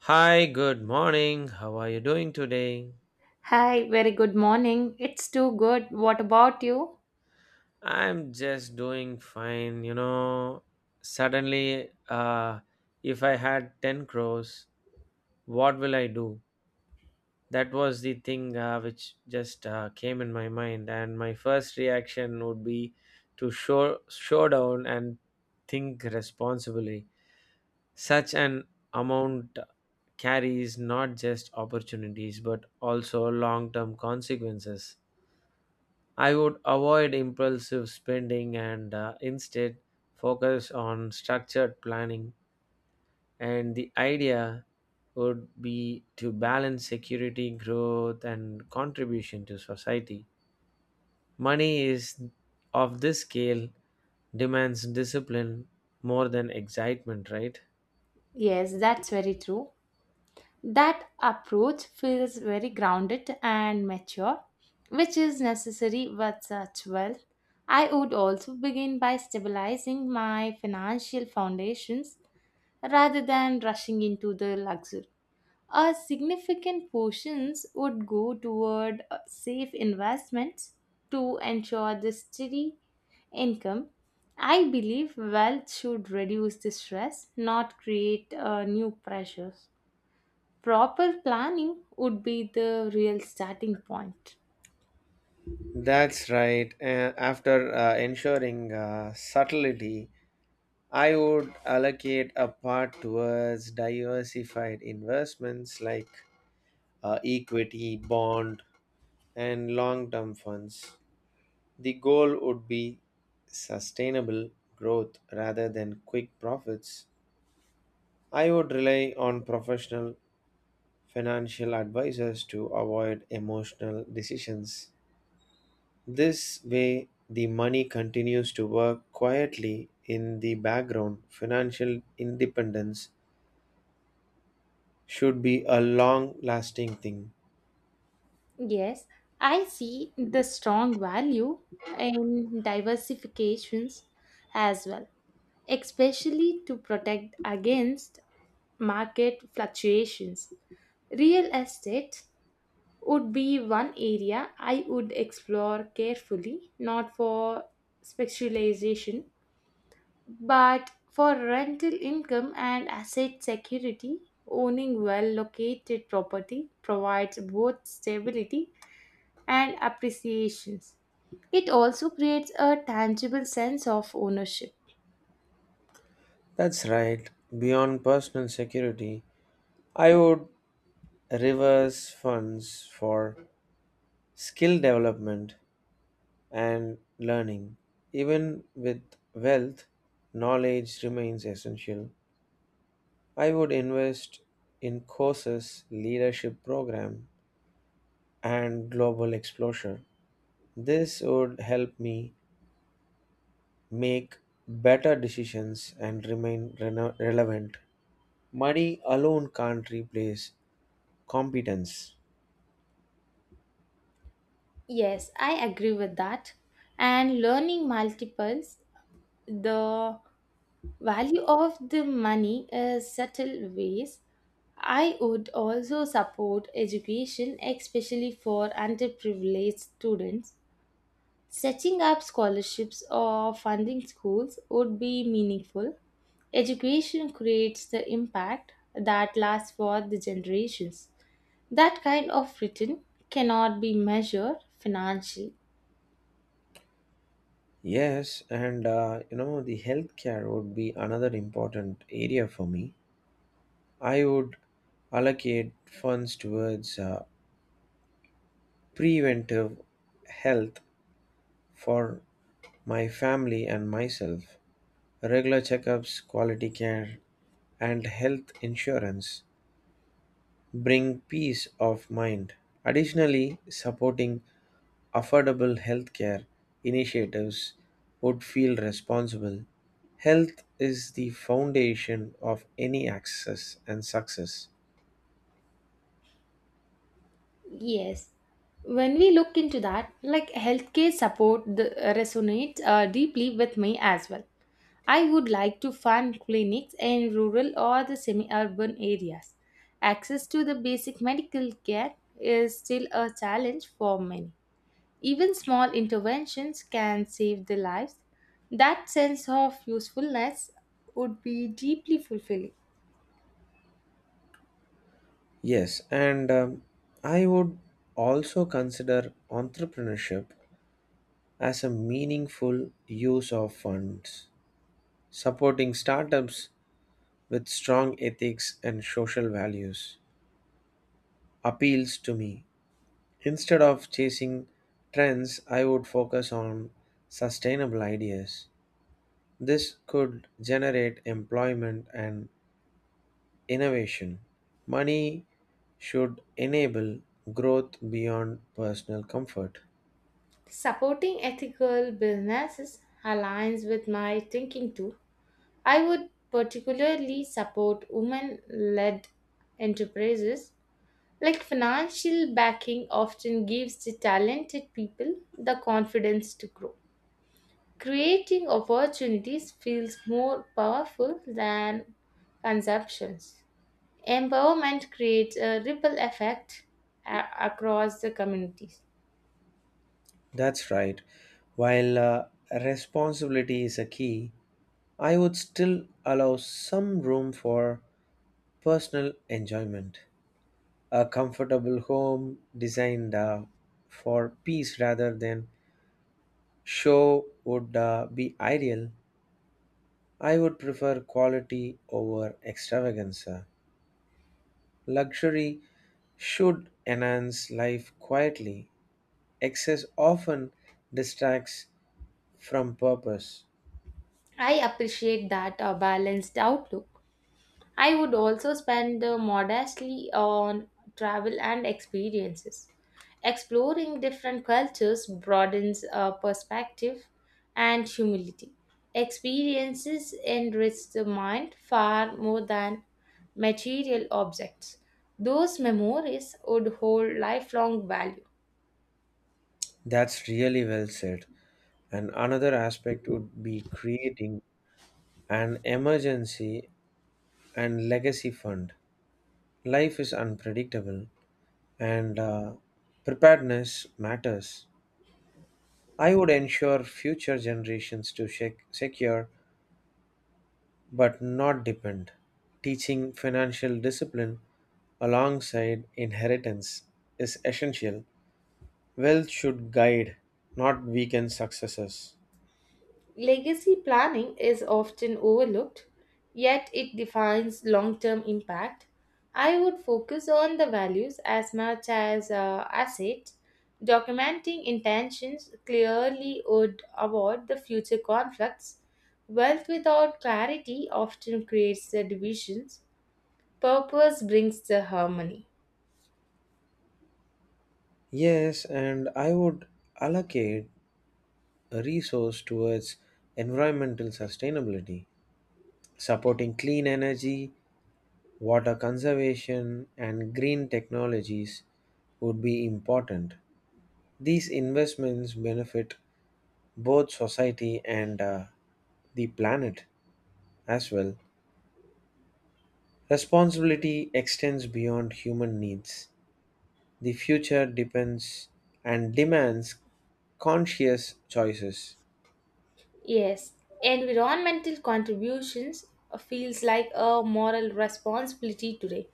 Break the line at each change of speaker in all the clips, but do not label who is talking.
Hi, good morning. How are you doing today?
Hi, very good morning. It's too good. What about you?
I'm just doing fine. Suddenly, if I had 10 crores, what will I do? That was the thing which just came in my mind. And my first reaction would be to show down and think responsibly. Such an amount carries not just opportunities but also long term consequences. I would avoid impulsive spending and instead focus on structured planning. And the idea would be to balance security, growth, and contribution to society. Money is of this scale demands discipline more than excitement, right?
Yes, that's very true. That approach feels very grounded and mature, which is necessary with such wealth. I would also begin by stabilizing my financial foundations rather than rushing into the luxury. A significant portions would go toward safe investments to ensure the steady income. I believe wealth should reduce the stress, not create new pressures. Proper planning would be the real starting point.
That's right. After ensuring subtlety, I would allocate a part towards diversified investments like equity, bond, and long term funds. The goal would be sustainable growth rather than quick profits. I would rely on professional financial advisors to avoid emotional decisions. This way, the money continues to work quietly in the background. Financial independence should be a long lasting thing.
Yes, I see the strong value in diversifications as well, especially to protect against market fluctuations. Real estate would be one area I would explore carefully, not for specialization, but for rental income and asset security. Owning well located property provides both stability and appreciations. It also creates a tangible sense of ownership.
That's right. Beyond personal security, I would reverse funds for skill development and learning. Even with wealth, knowledge remains essential. I would invest in courses, leadership program, and global exposure. This would help me make better decisions and remain relevant. Money alone can't replace competence.
Yes, I agree with that. And learning multiples the value of the money is subtle ways. I would also support education, especially for underprivileged students. Setting up scholarships or funding schools would be meaningful. Education creates the impact that lasts for the generations. That kind of return cannot be measured financially.
Yes, and the healthcare would be another important area for me. I would allocate funds towards preventive health for my family and myself. Regular checkups, quality care, and health insurance bring peace of mind. Additionally, supporting affordable healthcare initiatives would feel responsible. Health is the foundation of any access and success.
Yes. When we look into that, like healthcare support the resonates deeply with me as well. I would like to fund clinics in rural or the semi-urban areas. Access to the basic medical care is still a challenge for many. Even small interventions can save the lives. That sense of usefulness would be deeply fulfilling.
Yes, and I would also consider entrepreneurship as a meaningful use of funds. Supporting startups with strong ethics and social values appeals to me. Instead of chasing trends, I would focus on sustainable ideas. This could generate employment and innovation. Money should enable growth beyond personal comfort.
Supporting ethical businesses aligns with my thinking too. I would particularly support women led enterprises. Like financial backing often gives the talented people the confidence to grow. Creating opportunities feels more powerful than consumptions. Empowerment creates a ripple effect across the communities.
That's right. While responsibility is a key, I would still allow some room for personal enjoyment. A comfortable home designed for peace rather than show would be ideal. I would prefer quality over extravaganza. Luxury should enhance life quietly. Excess often distracts from purpose.
I appreciate that a balanced outlook. I would also spend modestly on travel and experiences. Exploring different cultures broadens our perspective and humility. Experiences enrich the mind far more than material objects. Those memories would hold lifelong value.
That's really well said. And another aspect would be creating an emergency and legacy fund. Life is unpredictable and preparedness matters. I would ensure future generations to secure but not depend. Teaching financial discipline alongside inheritance is essential. Wealth should guide, not weaken successes.
Legacy planning is often overlooked, yet it defines long term impact. I would focus on the values as much as assets. Documenting intentions clearly would avoid the future conflicts. Wealth without clarity often creates the divisions. Purpose brings the harmony.
Yes, and I would allocate a resource towards environmental sustainability. Supporting clean energy, water conservation, and green technologies would be important. These investments benefit both society and the planet as well. Responsibility extends beyond human needs. The future depends and demands conscious choices.
Yes, environmental contributions feels like a moral responsibility today.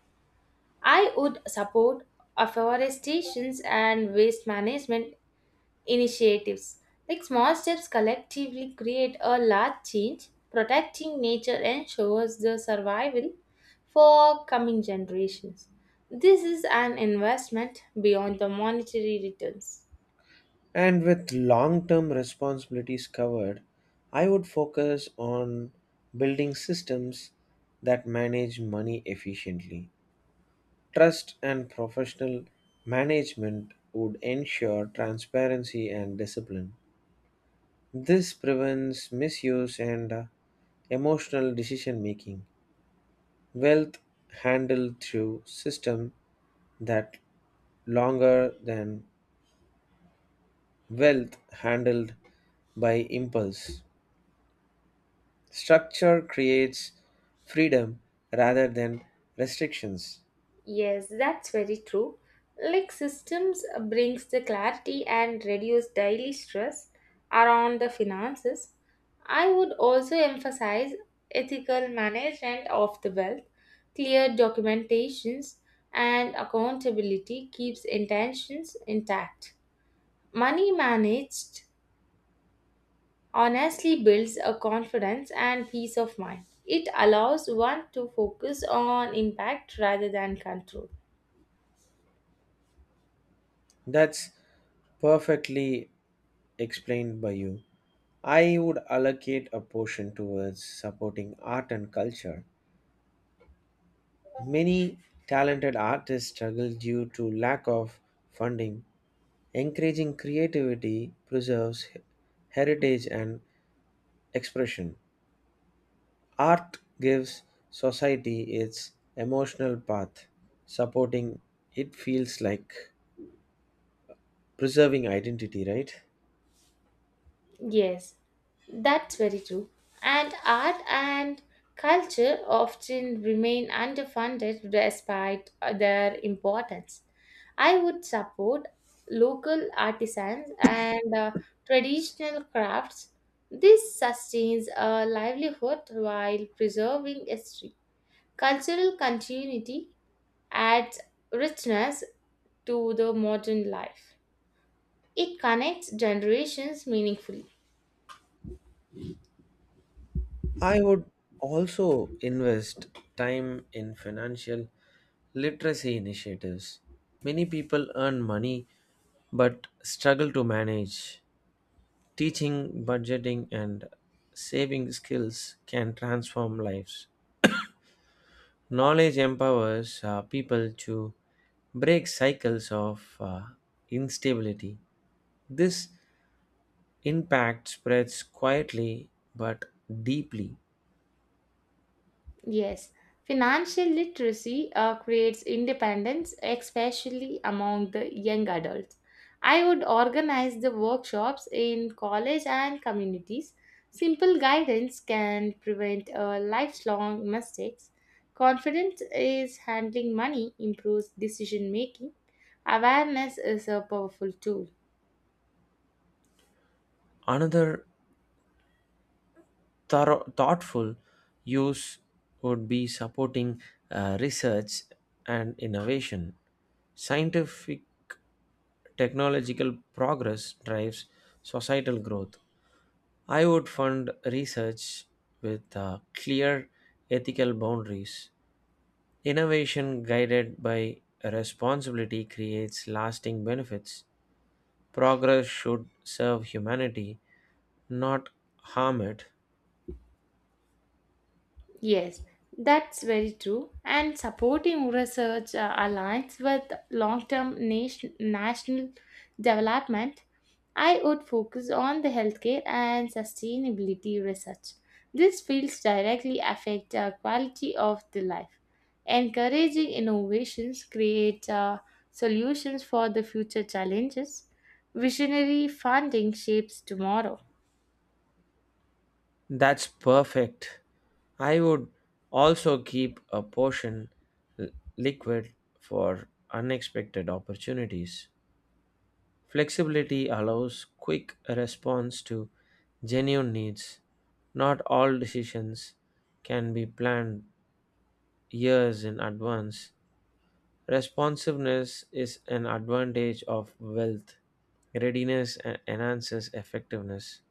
I would support afforestation and waste management initiatives. Like small steps collectively create a large change, protecting nature ensures the survival for coming generations. This is an investment beyond the monetary returns.
And with long term responsibilities covered, I would focus on building systems that manage money efficiently. Trust and professional management would ensure transparency and discipline. This prevents misuse and emotional decision making. Wealth handled through system that longer than wealth handled by impulse. Structure creates freedom rather than restrictions.
Yes, that's very true. Like systems brings the clarity and reduce daily stress around the finances. I would also emphasize ethical management of the wealth, clear documentations and accountability keeps intentions intact. Money managed honestly builds a confidence and peace of mind. It allows one to focus on impact rather than control.
That's perfectly explained by you. I would allocate a portion towards supporting art and culture. Many talented artists struggle due to lack of funding. Encouraging creativity preserves heritage and expression. Art gives society its emotional path. Supporting it feels like preserving identity, right?
Yes, that's very true. And art and culture often remain underfunded despite their importance. I would support local artisans and traditional crafts. This sustains a livelihood while preserving history. Cultural continuity adds richness to the modern life. It connects generations meaningfully.
I would also invest time in financial literacy initiatives. Many people earn money but struggle to manage. Teaching budgeting and saving skills can transform lives. Knowledge empowers people to break cycles of instability. This impact spreads quietly but deeply.
Yes, financial literacy creates independence, especially among the young adults. I would organize the workshops in college and communities. Simple guidance can prevent lifelong mistakes. Confidence is handling money, improves decision making. Awareness is a powerful tool.
Another thorough, thoughtful use would be supporting research and innovation. Scientific technological progress drives societal growth. I would fund research with clear ethical boundaries. Innovation guided by responsibility creates lasting benefits. Progress should serve humanity, not harm it.
Yes, that's very true. And supporting research aligns with long term national development. I would focus on the healthcare and sustainability research. These fields directly affect the quality of the life. Encouraging innovations create solutions for the future challenges. Visionary funding shapes tomorrow.
That's perfect. I would also keep a portion l- liquid for unexpected opportunities. Flexibility allows quick response to genuine needs. Not all decisions can be planned years in advance. Responsiveness is an advantage of wealth. Readiness enhances effectiveness.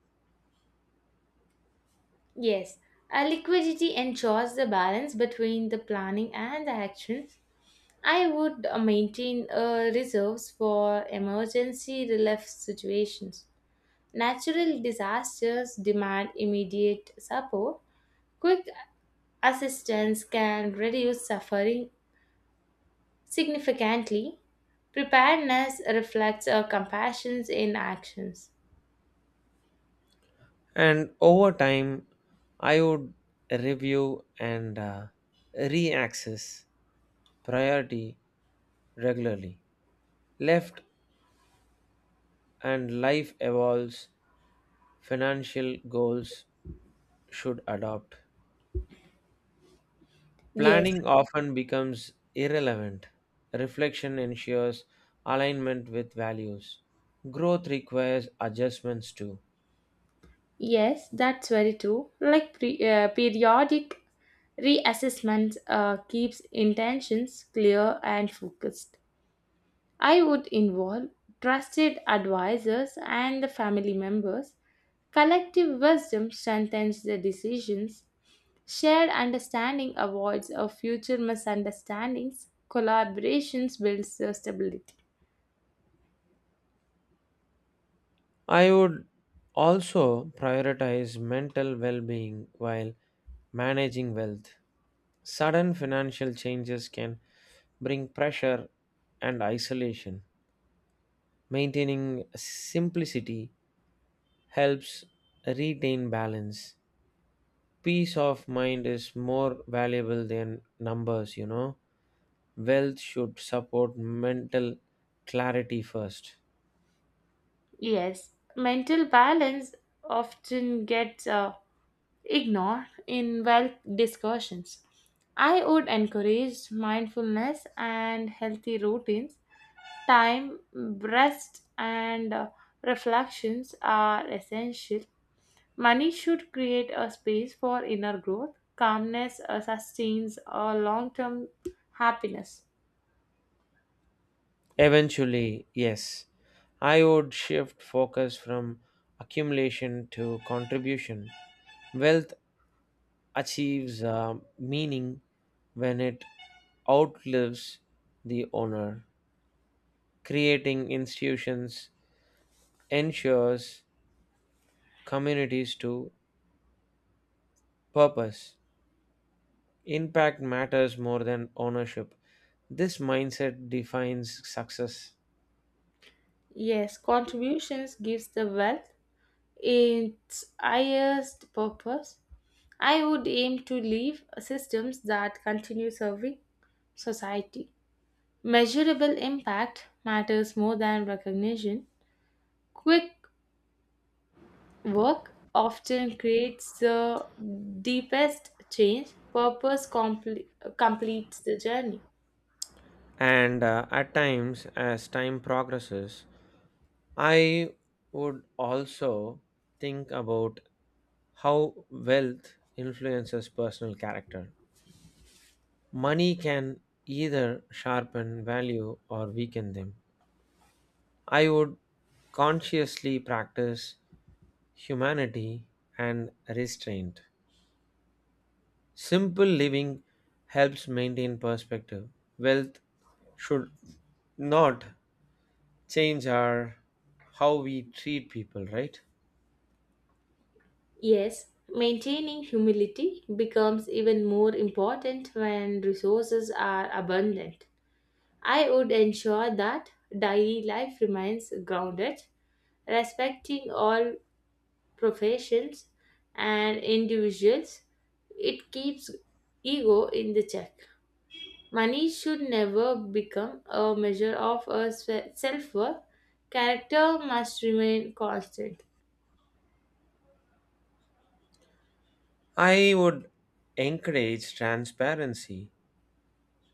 Yes, a liquidity ensures the balance between the planning and the action. I would maintain reserves for emergency relief situations. Natural disasters demand immediate support. Quick assistance can reduce suffering significantly. Preparedness reflects our compassion in actions.
And over time, I would review and re-access priority regularly. Left and life evolves, financial goals should adopt.
Yes.
Planning often becomes irrelevant. Reflection ensures alignment with values. Growth requires adjustments too.
Yes, that's very true. Like periodic reassessment keeps intentions clear and focused. I would involve trusted advisors and the family members. Collective wisdom strengthens the decisions. Shared understanding avoids of future misunderstandings. Collaborations builds the stability.
I would also prioritize mental well being while managing wealth. Sudden financial changes can bring pressure and isolation. Maintaining simplicity helps retain balance. Peace of mind is more valuable than numbers. Wealth should support mental clarity first.
Yes, mental balance often gets ignore in wealth discussions. I would encourage mindfulness and healthy routines. Time, rest, and reflections are essential. Money should create a space for inner growth. Calmness sustains a long-term happiness.
Eventually, yes, I would shift focus from accumulation to contribution. Wealth achieves meaning when it outlives the owner. Creating institutions ensures communities to purpose. Impact matters more than ownership. This mindset defines success.
Yes, contributions gives the wealth its highest purpose. I would aim to leave systems that continue serving society. Measurable impact matters more than recognition. Quick work often creates the deepest change, purpose completes the journey.
And at times, as time progresses, I would also think about how wealth influences personal character. Money can either sharpen value or weaken them. I would consciously practice humanity and restraint. Simple living helps maintain perspective. Wealth should not change our how we treat people, right?
Yes, maintaining humility becomes even more important when resources are abundant. I would ensure that daily life remains grounded, respecting all professions, and individuals, it keeps ego in the check. Money should never become a measure of a self worth. Character must remain constant.
I would encourage transparency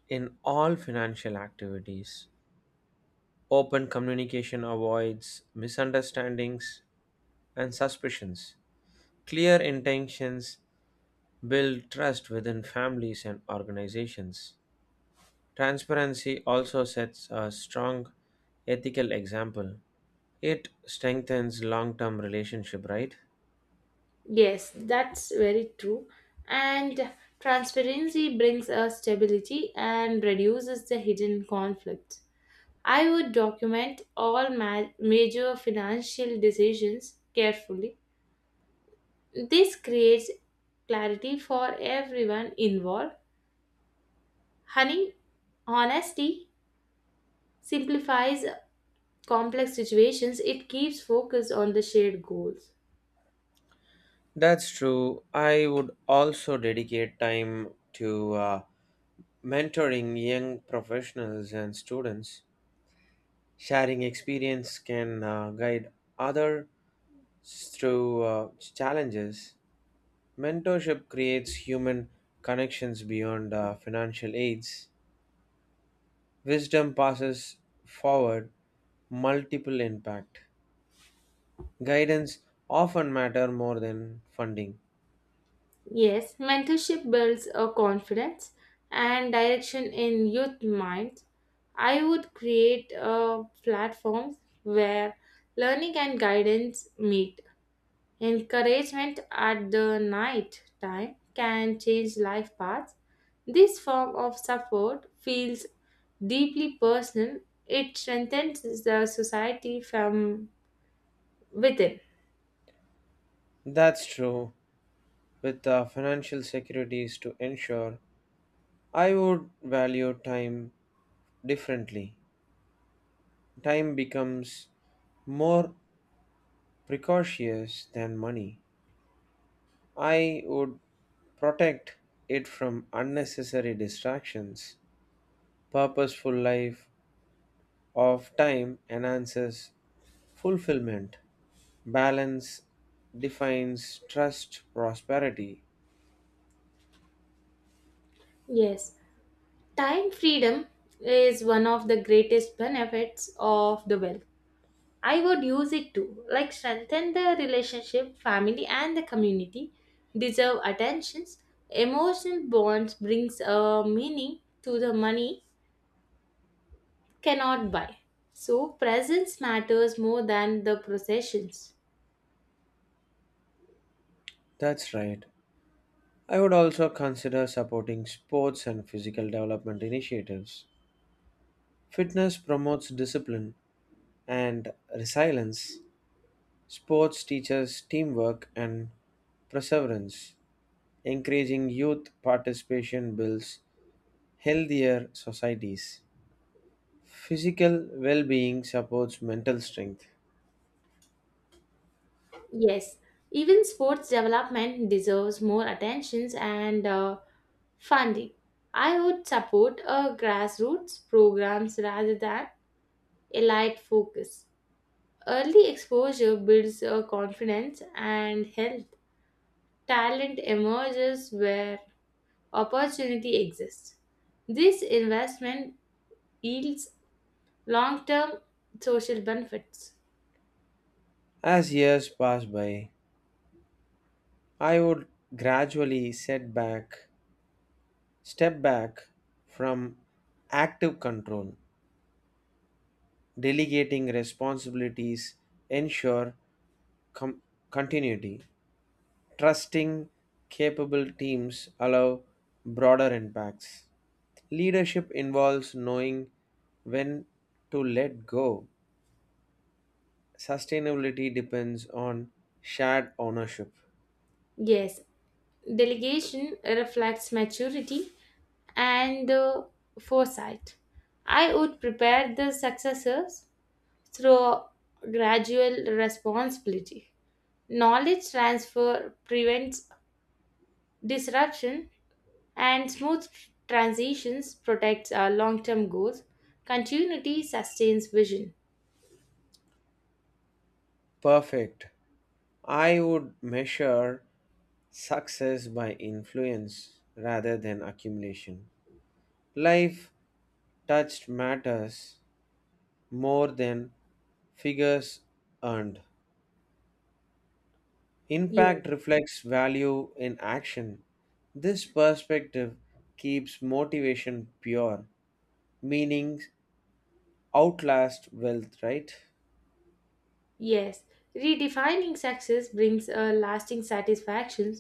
in all financial activities. Open communication avoids misunderstandings and suspicions. Clear intentions build trust within families and organizations. Transparency also sets a strong ethical example. It strengthens long term relationship, right?
Yes, that's very true. And transparency brings a stability and reduces the hidden conflicts. I would document all major financial decisions carefully. This creates clarity for everyone involved. Honey, honesty simplifies complex situations, it keeps focus on the shared goals.
That's true. I would also dedicate time to mentoring young professionals and students. Sharing experience can guide others through challenges. Mentorship creates human connections beyond financial aids. Wisdom passes forward, multiple impact. Guidance often matter more than funding.
Yes, mentorship builds a confidence and direction in youth minds. I would create a platform where learning and guidance meet. Encouragement at the night time can change life paths. This form of support feels deeply personal. It strengthens the society from within.
That's true. With the financial securities to ensure, I would value time differently. Time becomes more precocious than money. I would protect it from unnecessary distractions. Purposeful life of time enhances fulfillment. Balance defines trust prosperity.
Yes, time freedom is one of the greatest benefits of the wealth. I would use it to like strengthen the relationship, family, and the community, deserve attentions. Emotional bonds brings a meaning to the money cannot buy. So, presence matters more than the processions.
That's right. I would also consider supporting sports and physical development initiatives. Fitness promotes discipline and resilience. Sports teaches teamwork and perseverance. Encouraging youth participation builds healthier societies. Physical well being supports mental strength.
Yes, even sports development deserves more attentions and funding. I would support a grassroots programs rather than elite focus. Early exposure builds a confidence and health. Talent emerges where opportunity exists. This investment yields long term social benefits.
As years pass by, I would gradually set back, step back from active control, delegating responsibilities ensure com- continuity, trusting capable teams allow broader impacts. Leadership involves knowing when to let go. Sustainability depends on shared ownership.
Yes, delegation reflects maturity and foresight. I would prepare the successors through gradual responsibility. Knowledge transfer prevents disruption and smooth transitions protects our long-term goals. Continuity sustains vision.
Perfect. I would measure success by influence rather than accumulation. Life touched matters more than figures earned.
Yes.
Impact reflects value in action. This perspective keeps motivation pure, meaning outlast wealth, right?
Yes, redefining success brings a lasting satisfaction.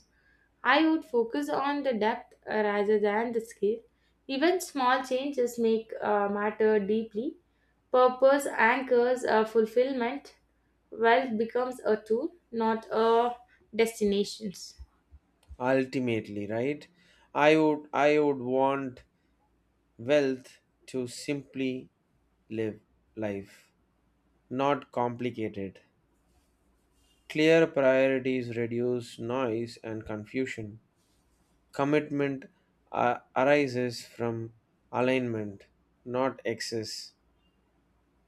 I would focus on the depth rather than the scale. Even small changes make matter deeply. Purpose anchors fulfillment. Wealth becomes a tool, not a destination.
Ultimately, right? I would want wealth to simply live life, not complicated. Clear priorities reduce noise and confusion. Commitment arises from alignment, not excess.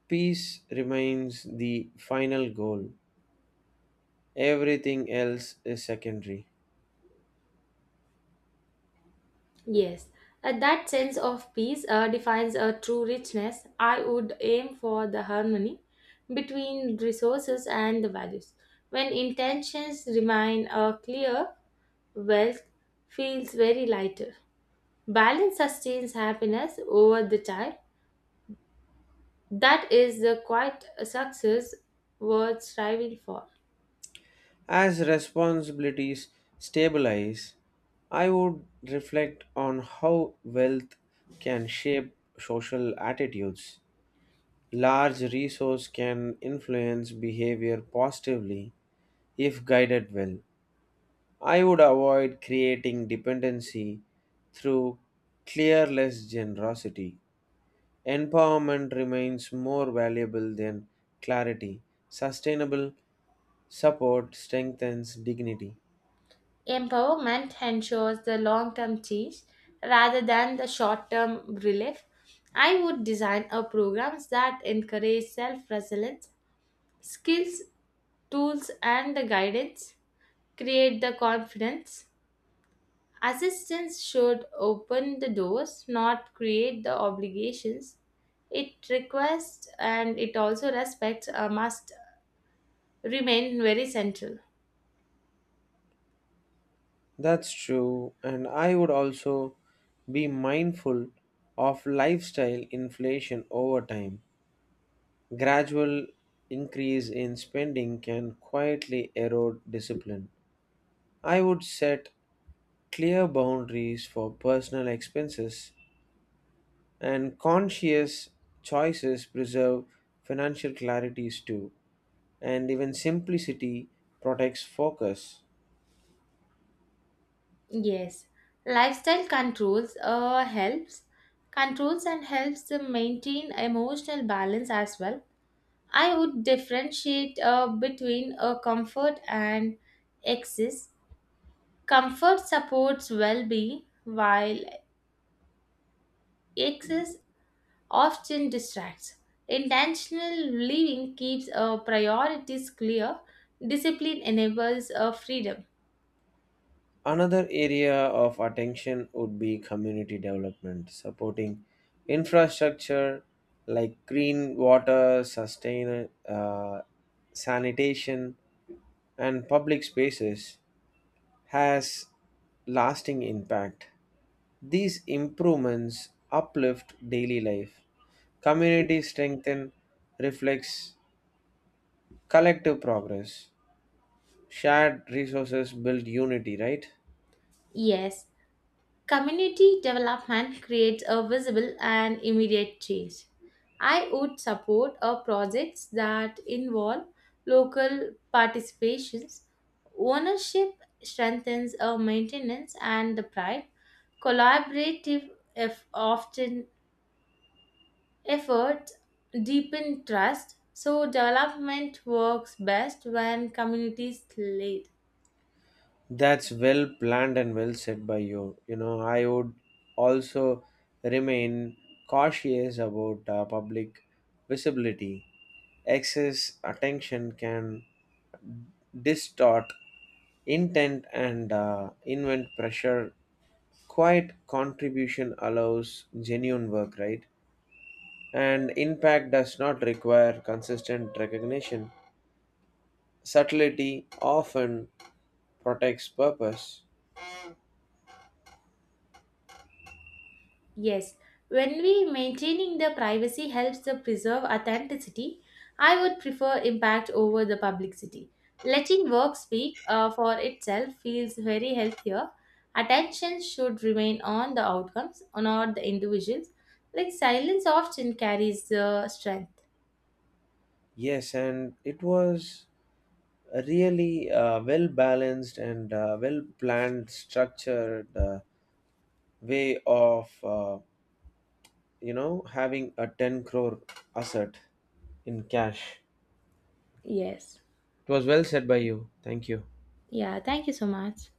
Peace remains the final goal, everything else is secondary.
Yes, that sense of peace defines a true richness. I would aim for the harmony between resources and the values. When intentions remain clear, wealth feels very lighter. Balance sustains happiness over the time. That is the quiet success worth striving for.
As responsibilities stabilize, I would reflect on how wealth can shape social attitudes. Large resource can influence behavior positively if guided well. I would avoid creating dependency through clearless generosity. Empowerment remains more valuable than clarity. Sustainable support strengthens dignity.
Empowerment ensures the long term change rather than the short term relief. I would design a programs that encourage self resilience, skills, tools, and the guidance, create the confidence. Assistance should open the doors, not create the obligations. It requests and it also respects must remain very central.
That's true, and I would also be mindful of lifestyle inflation over time. Gradual increase in spending can quietly erode discipline. I would set clear boundaries for personal expenses, and conscious choices preserve financial clarities too, and even simplicity protects focus.
Yes, lifestyle controls helps controls and helps them maintain emotional balance as well. I would differentiate between comfort and excess. Comfort supports well-being, while excess often distracts. Intentional living keeps priorities clear. Discipline enables freedom.
Another area of attention would be community development, supporting infrastructure like green water, sanitation, and public spaces has lasting impact. These improvements uplift daily life, community strengthen, reflects collective progress. Shared resources build unity, right?
Yes, community development creates a visible and immediate change. I would support a projects that involve local participations. Ownership strengthens a maintenance and the pride. Collaborative if often efforts deepen trust. So development works best when communities lead.
That's well planned and well said by you. You know, I would also remain cautious about public visibility. Excess attention can distort intent and invent pressure. Quiet contribution allows genuine work, right? And impact does not require consistent recognition. Subtlety often protects purpose.
Yes, when we maintaining the privacy helps to preserve authenticity, I would prefer impact over the publicity. Letting work speak for itself feels very healthier. Attention should remain on the outcomes, not the individuals. Like silence often carries the strength.
Yes, and it was a really well balanced and well planned, structured way of you know having a 10 crore asset in cash.
Yes.
It was well said by you. Thank you.
Yeah, thank you so much.